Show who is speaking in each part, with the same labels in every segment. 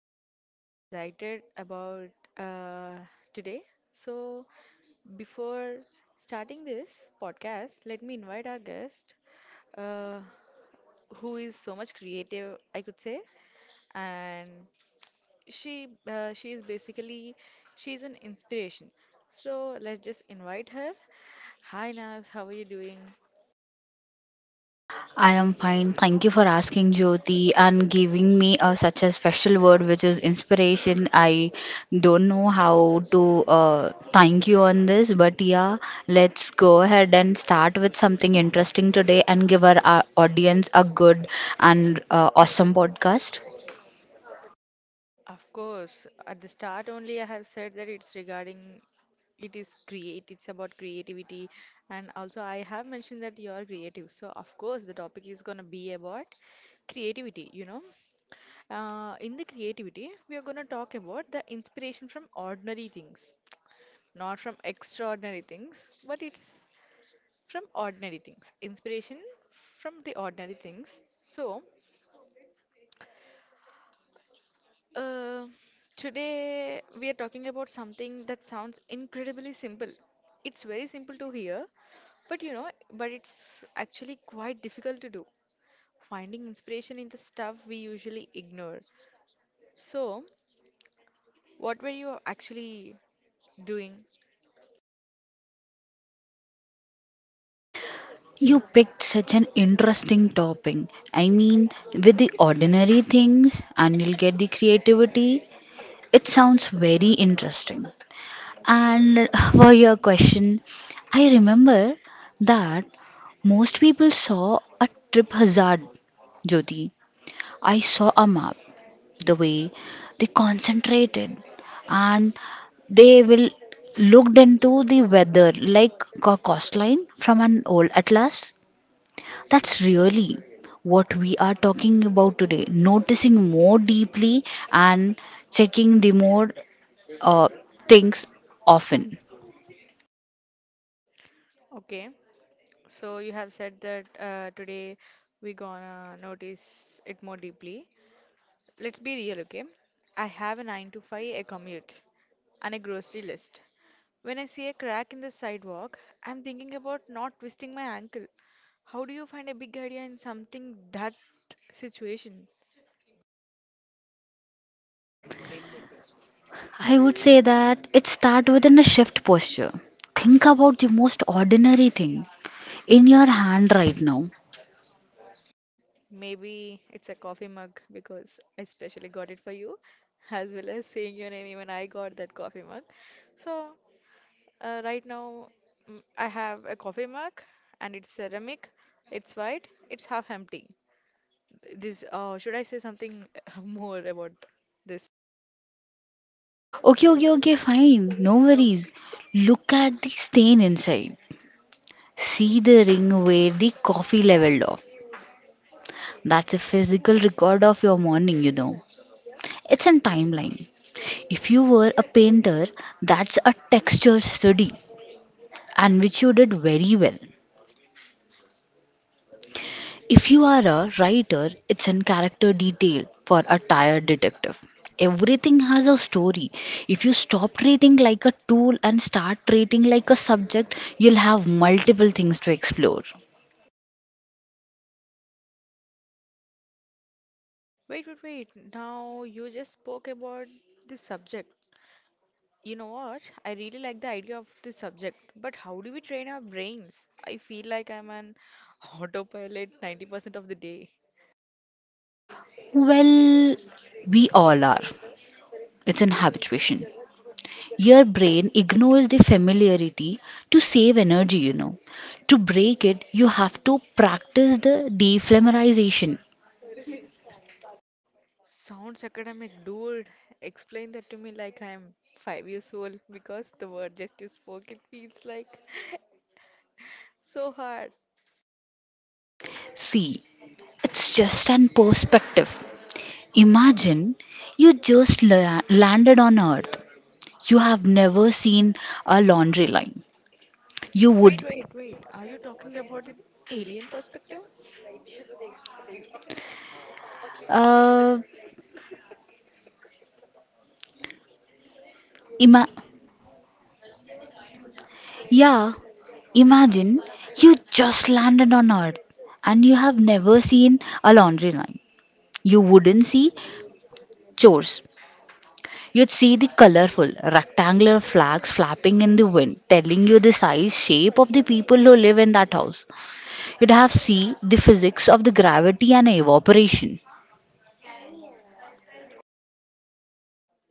Speaker 1: Okay, I'm excited about uh, today. So, before starting this podcast, let me invite our guest, uh, who is so much creative, I could say, and she is basically she's an inspiration. So let's just invite her. Hi, Naz. How are you doing?
Speaker 2: I am fine. Thank you for asking, Jyoti, and giving me such a special word, which is inspiration. I don't know how to thank you on this, but yeah, let's go ahead and start with something interesting today and give our, audience a good and awesome podcast.
Speaker 1: Of course, at the start only I have said that it's regarding it is create it's about creativity, and also I have mentioned that you are creative. So of course the topic is gonna be about creativity, In the creativity, we are gonna talk about the inspiration from ordinary things, not from extraordinary things, but it's from ordinary things. Inspiration from the ordinary things. Uh, Today we are talking about something that sounds incredibly simple. It's very simple to hear, but but it's actually quite difficult to do. Finding inspiration in the stuff we usually ignore. So, what were you actually doing?
Speaker 2: You picked such an interesting topic. I mean, with the ordinary things, and you'll get the creativity. It sounds very interesting. And for your question, I remember that most people saw a trip hazard, Jyoti. I saw a map, the way they concentrated and they will looked into the weather like a coastline from an old atlas. That's really what we are talking about today, noticing more deeply and checking the more uh, things often.
Speaker 1: Okay, so you have said that today we gonna notice it more deeply. Let's be real, okay? I have a 9 to 5, a commute, and a grocery list. When I see a crack in the sidewalk, I'm thinking about not twisting my ankle. How do you find a big idea in something that situation?
Speaker 2: I would say that it start within a shift posture. Think about the most ordinary thing in your hand right now.
Speaker 1: Maybe it's a coffee mug because I specially got it for you, as well as saying your name. Even I got that coffee mug. So, right now, I have a coffee mug and it's ceramic, it's white, it's half empty. This, should I say something more about this?
Speaker 2: Okay, okay, okay, fine. No worries. Look at the stain inside. See the ring where the coffee leveled off. That's a physical record of your morning, you know. It's a timeline. If you were a painter, that's a texture study and which you did very well. If you are a writer, it's in character detail for a tired detective. Everything has a story. If you stop treating like a tool and start treating like a subject, you'll have multiple things to explore.
Speaker 1: Wait, wait, wait. Now you just spoke about this subject. You know what? I really like the idea of this subject, but how do we train our brains? I feel like I'm an autopilot 90% of the day.
Speaker 2: Well, we all are. It's an habituation. Your brain ignores the familiarity to save energy, you know. To break it, you have to practice the defamiliarization.
Speaker 1: Sounds academic, dude. Explain that to me like I'm 5 years old because the word just you spoke, it feels like so hard.
Speaker 2: See, it's just an perspective. Imagine you landed on Earth. You have never seen a laundry line. You
Speaker 1: Wait,
Speaker 2: would,
Speaker 1: wait, wait. Are you talking about the alien perspective?
Speaker 2: uh, ima- yeah, imagine you just landed on Earth and you have never seen a laundry line. You wouldn't see chores. You'd see the colorful rectangular flags flapping in the wind, telling you the size, shape of the people who live in that house. You'd have see the physics of the gravity and evaporation.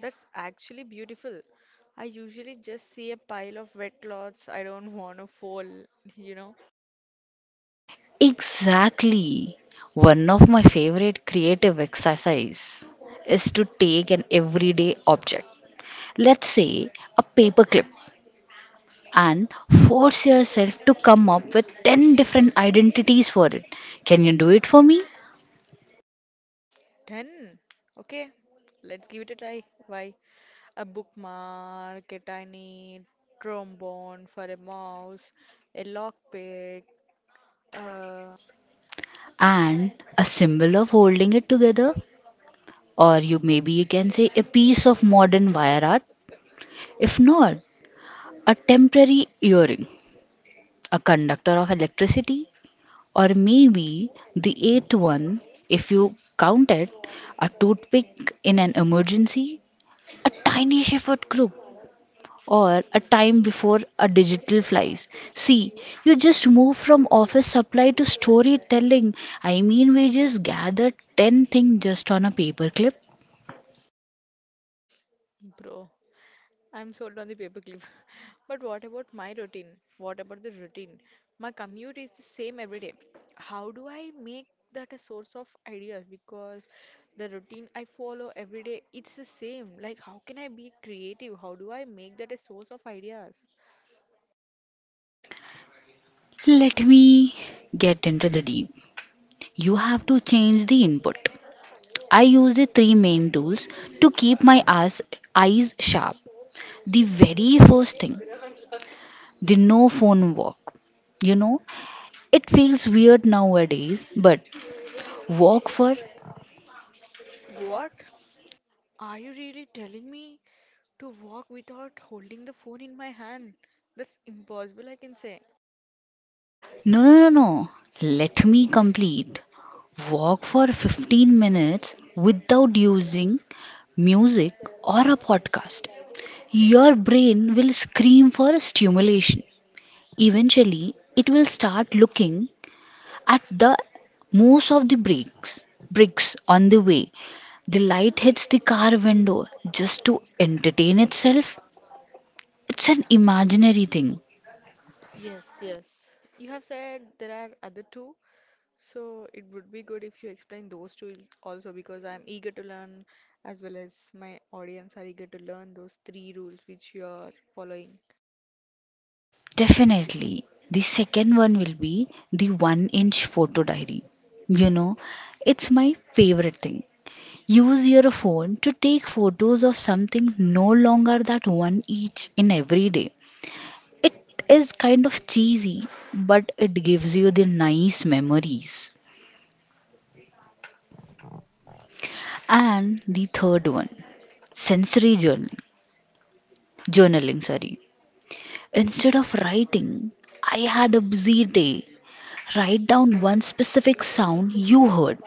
Speaker 1: That's actually beautiful. I usually just see a pile of wet clothes I don't want to fall, you know.
Speaker 2: Exactly. One of my favorite creative exercise is to take an everyday object, let's say a paperclip, and force yourself to come up with 10 different identities for it. Can you do it for me?
Speaker 1: 10. Okay, let's give it a try. Why? A bookmark, a tiny trombone for a mouse, a lockpick. Uh,
Speaker 2: And a symbol of holding it together, or you maybe you can say a piece of modern wire art. If not, a temporary earring, a conductor of electricity, or maybe the eighth one, if you count it, a toothpick in an emergency, a tiny shepherd group, or a time before a digital flies. See, you just move from office supply to storytelling. I mean, we just gathered 10 things just on a paperclip.
Speaker 1: bro, I'm sold on the paperclip. But what about my routine? What about the routine? My commute is the same every day. How do I make that a source of ideas? Because the routine I follow every day, it's the same. Like, how can I be creative? How do I make that a source of ideas?
Speaker 2: Let me get into the deep. You have to change the input. I use the three main tools to keep my eyes sharp. The very first thing the no phone walk. You know, it feels weird nowadays, but walk for
Speaker 1: What? Are you really telling me to walk without holding the phone in my hand? That's impossible, I can say.
Speaker 2: no, no, no, no. Let me complete. Walk for 15 minutes without using music or a podcast. Your brain will scream for stimulation. Eventually, it will start looking at the most of the bricks on the way. The light hits the car window just to entertain itself. It's an imaginary thing.
Speaker 1: Yes, yes. You have said there are other two. So it would be good if you explain those two also because I'm eager to learn as well as my audience are eager to learn those three rules which you are following.
Speaker 2: Definitely. The second one will be the one inch photo diary. You know, it's my favorite thing. Use your phone to take photos of something no longer that one each in every day. It is kind of cheesy, but it gives you the nice memories. And the third one, sensory journaling, sorry. Instead of writing, I had a busy day. Write down one specific sound you heard.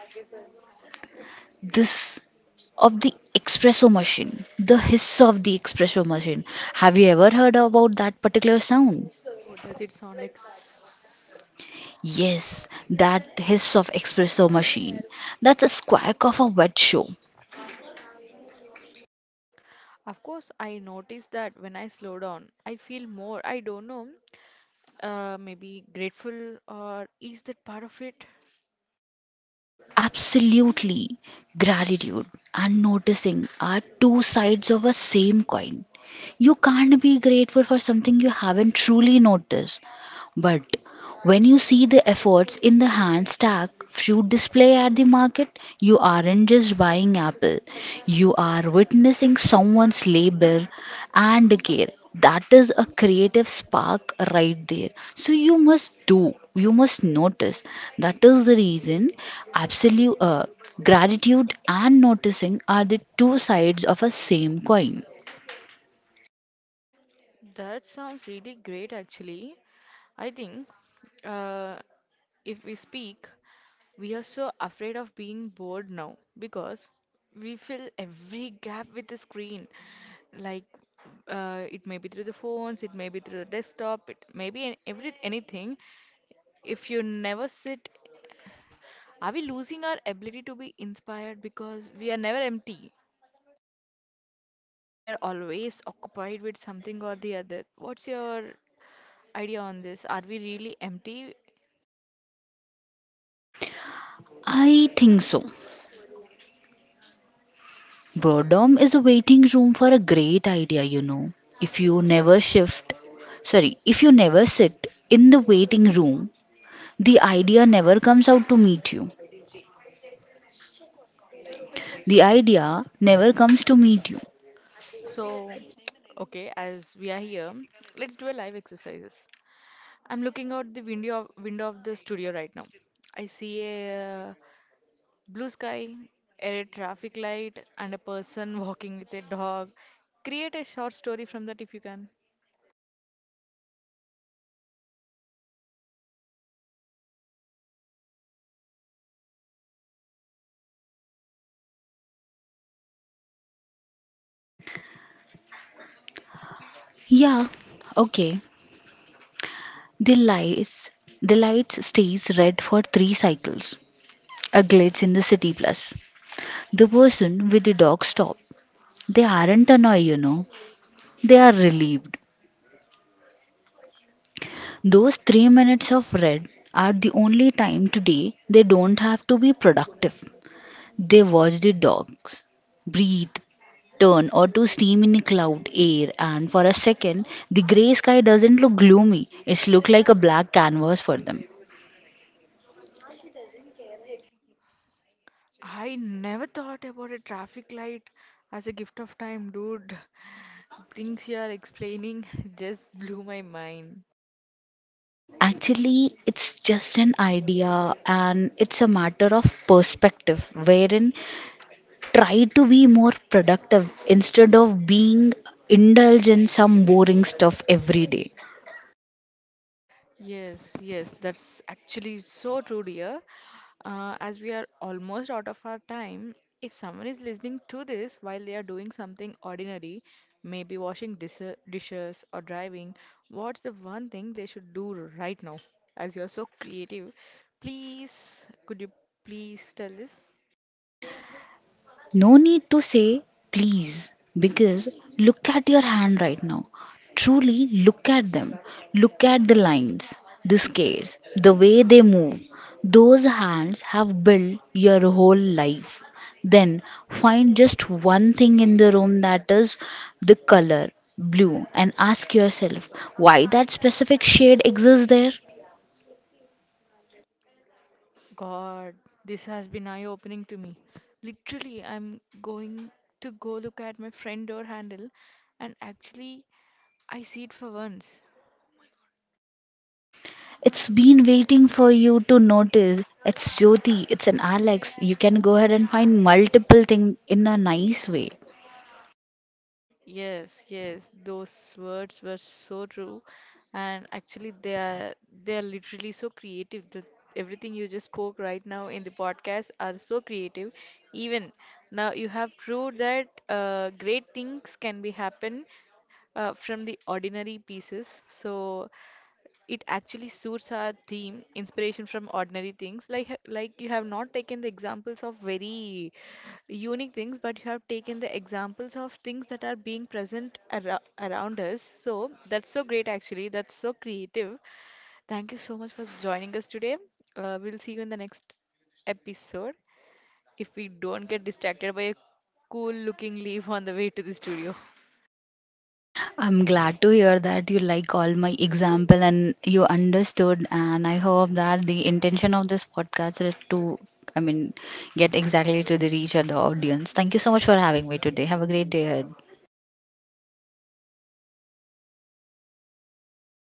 Speaker 2: This of the espresso machine, the hiss of the espresso machine. Have you ever heard about that particular sound?
Speaker 1: Oh, does it sound like
Speaker 2: Yes, that hiss of espresso machine. That's a squawk of a wet show.
Speaker 1: Of course, I notice that when I slow down, I feel more, I don't know, maybe grateful or is that part of it?
Speaker 2: Absolutely. Gratitude and noticing are two sides of a same coin. You can't be grateful for something you haven't truly noticed. But when you see the efforts in the hand stack fruit display at the market, you aren't just buying apple. You are witnessing someone's labor and care. That is a creative spark right there. So you must do, you must notice. That is the reason absolute gratitude and noticing are the two sides of a same coin.
Speaker 1: That sounds really great, actually. I think uh, if we speak, we are so afraid of being bored now because we fill every gap with the screen. Like it may be through the phones, it may be through the desktop, it may be every anything. If you never sit, are we losing our ability to be inspired because we are never empty? We are always occupied with something or the other. What's your idea on this? Are we really empty?
Speaker 2: I think so. Boredom is a waiting room for a great idea, you know. If you never shift, sorry, if you never sit in the waiting room, the idea never comes out to meet you. The idea never comes to meet you.
Speaker 1: So, okay, as we are here, let's do a live exercises. I'm looking out window of the studio right now. I see a blue sky, a red traffic light, and a person walking with a dog. Create a short story from that if you can.
Speaker 2: Yeah, okay. The lights, the lights stays red for three cycles. A glitch in the city plus. The person with the dog stop. They aren't annoyed, you know. They are relieved. Those 3 minutes of red are the only time today they don't have to be productive. They watch the dogs breathe, turn, or to steam in a cloud air, and for a second, the grey sky doesn't look gloomy. It's look like a black canvas for them.
Speaker 1: I never thought about a traffic light as a gift of time, dude. Things you are explaining just blew my mind.
Speaker 2: Actually, it's just an idea and it's a matter of perspective wherein try to be more productive instead of being indulged in some boring stuff every day.
Speaker 1: Yes, yes, that's actually so true, dear. As we are almost out of our time, if someone is listening to this while they are doing something ordinary, maybe washing dishes or driving, what's the one thing they should do right now? As you're so creative, please, could you please tell this?
Speaker 2: No need to say please because look at your hand right now. Truly look at them. Look at the lines, the scales, the way they move. Those hands have built your whole life. Then find just one thing in the room that is the color blue and ask yourself why that specific shade exists there.
Speaker 1: God, this has been eye-opening to me. Literally, I'm going to go look at my friend door handle and actually I see it for once.
Speaker 2: It's been waiting for you to notice. It's Jyoti, it's an Alex. You can go ahead and find multiple things in a nice way.
Speaker 1: Yes, yes, those words were so true, and actually they are literally so creative. The Everything you just spoke right now in the podcast are so creative. Even now, you have proved that great things can be happen from the ordinary pieces. So it actually suits our theme, inspiration from ordinary things. Like like you have not taken the examples of very unique things, but you have taken the examples of things that are being present around us. So that's so great, actually. That's so creative. Thank you so much for joining us today. We'll see you in the next episode if we don't get distracted by a cool looking leaf on the way to the studio.
Speaker 2: I'm glad to hear that you like all my example and you understood and I hope that the intention of this podcast is to I mean get exactly to the reach of the audience. Thank you so much for having me today. Have a great day ahead.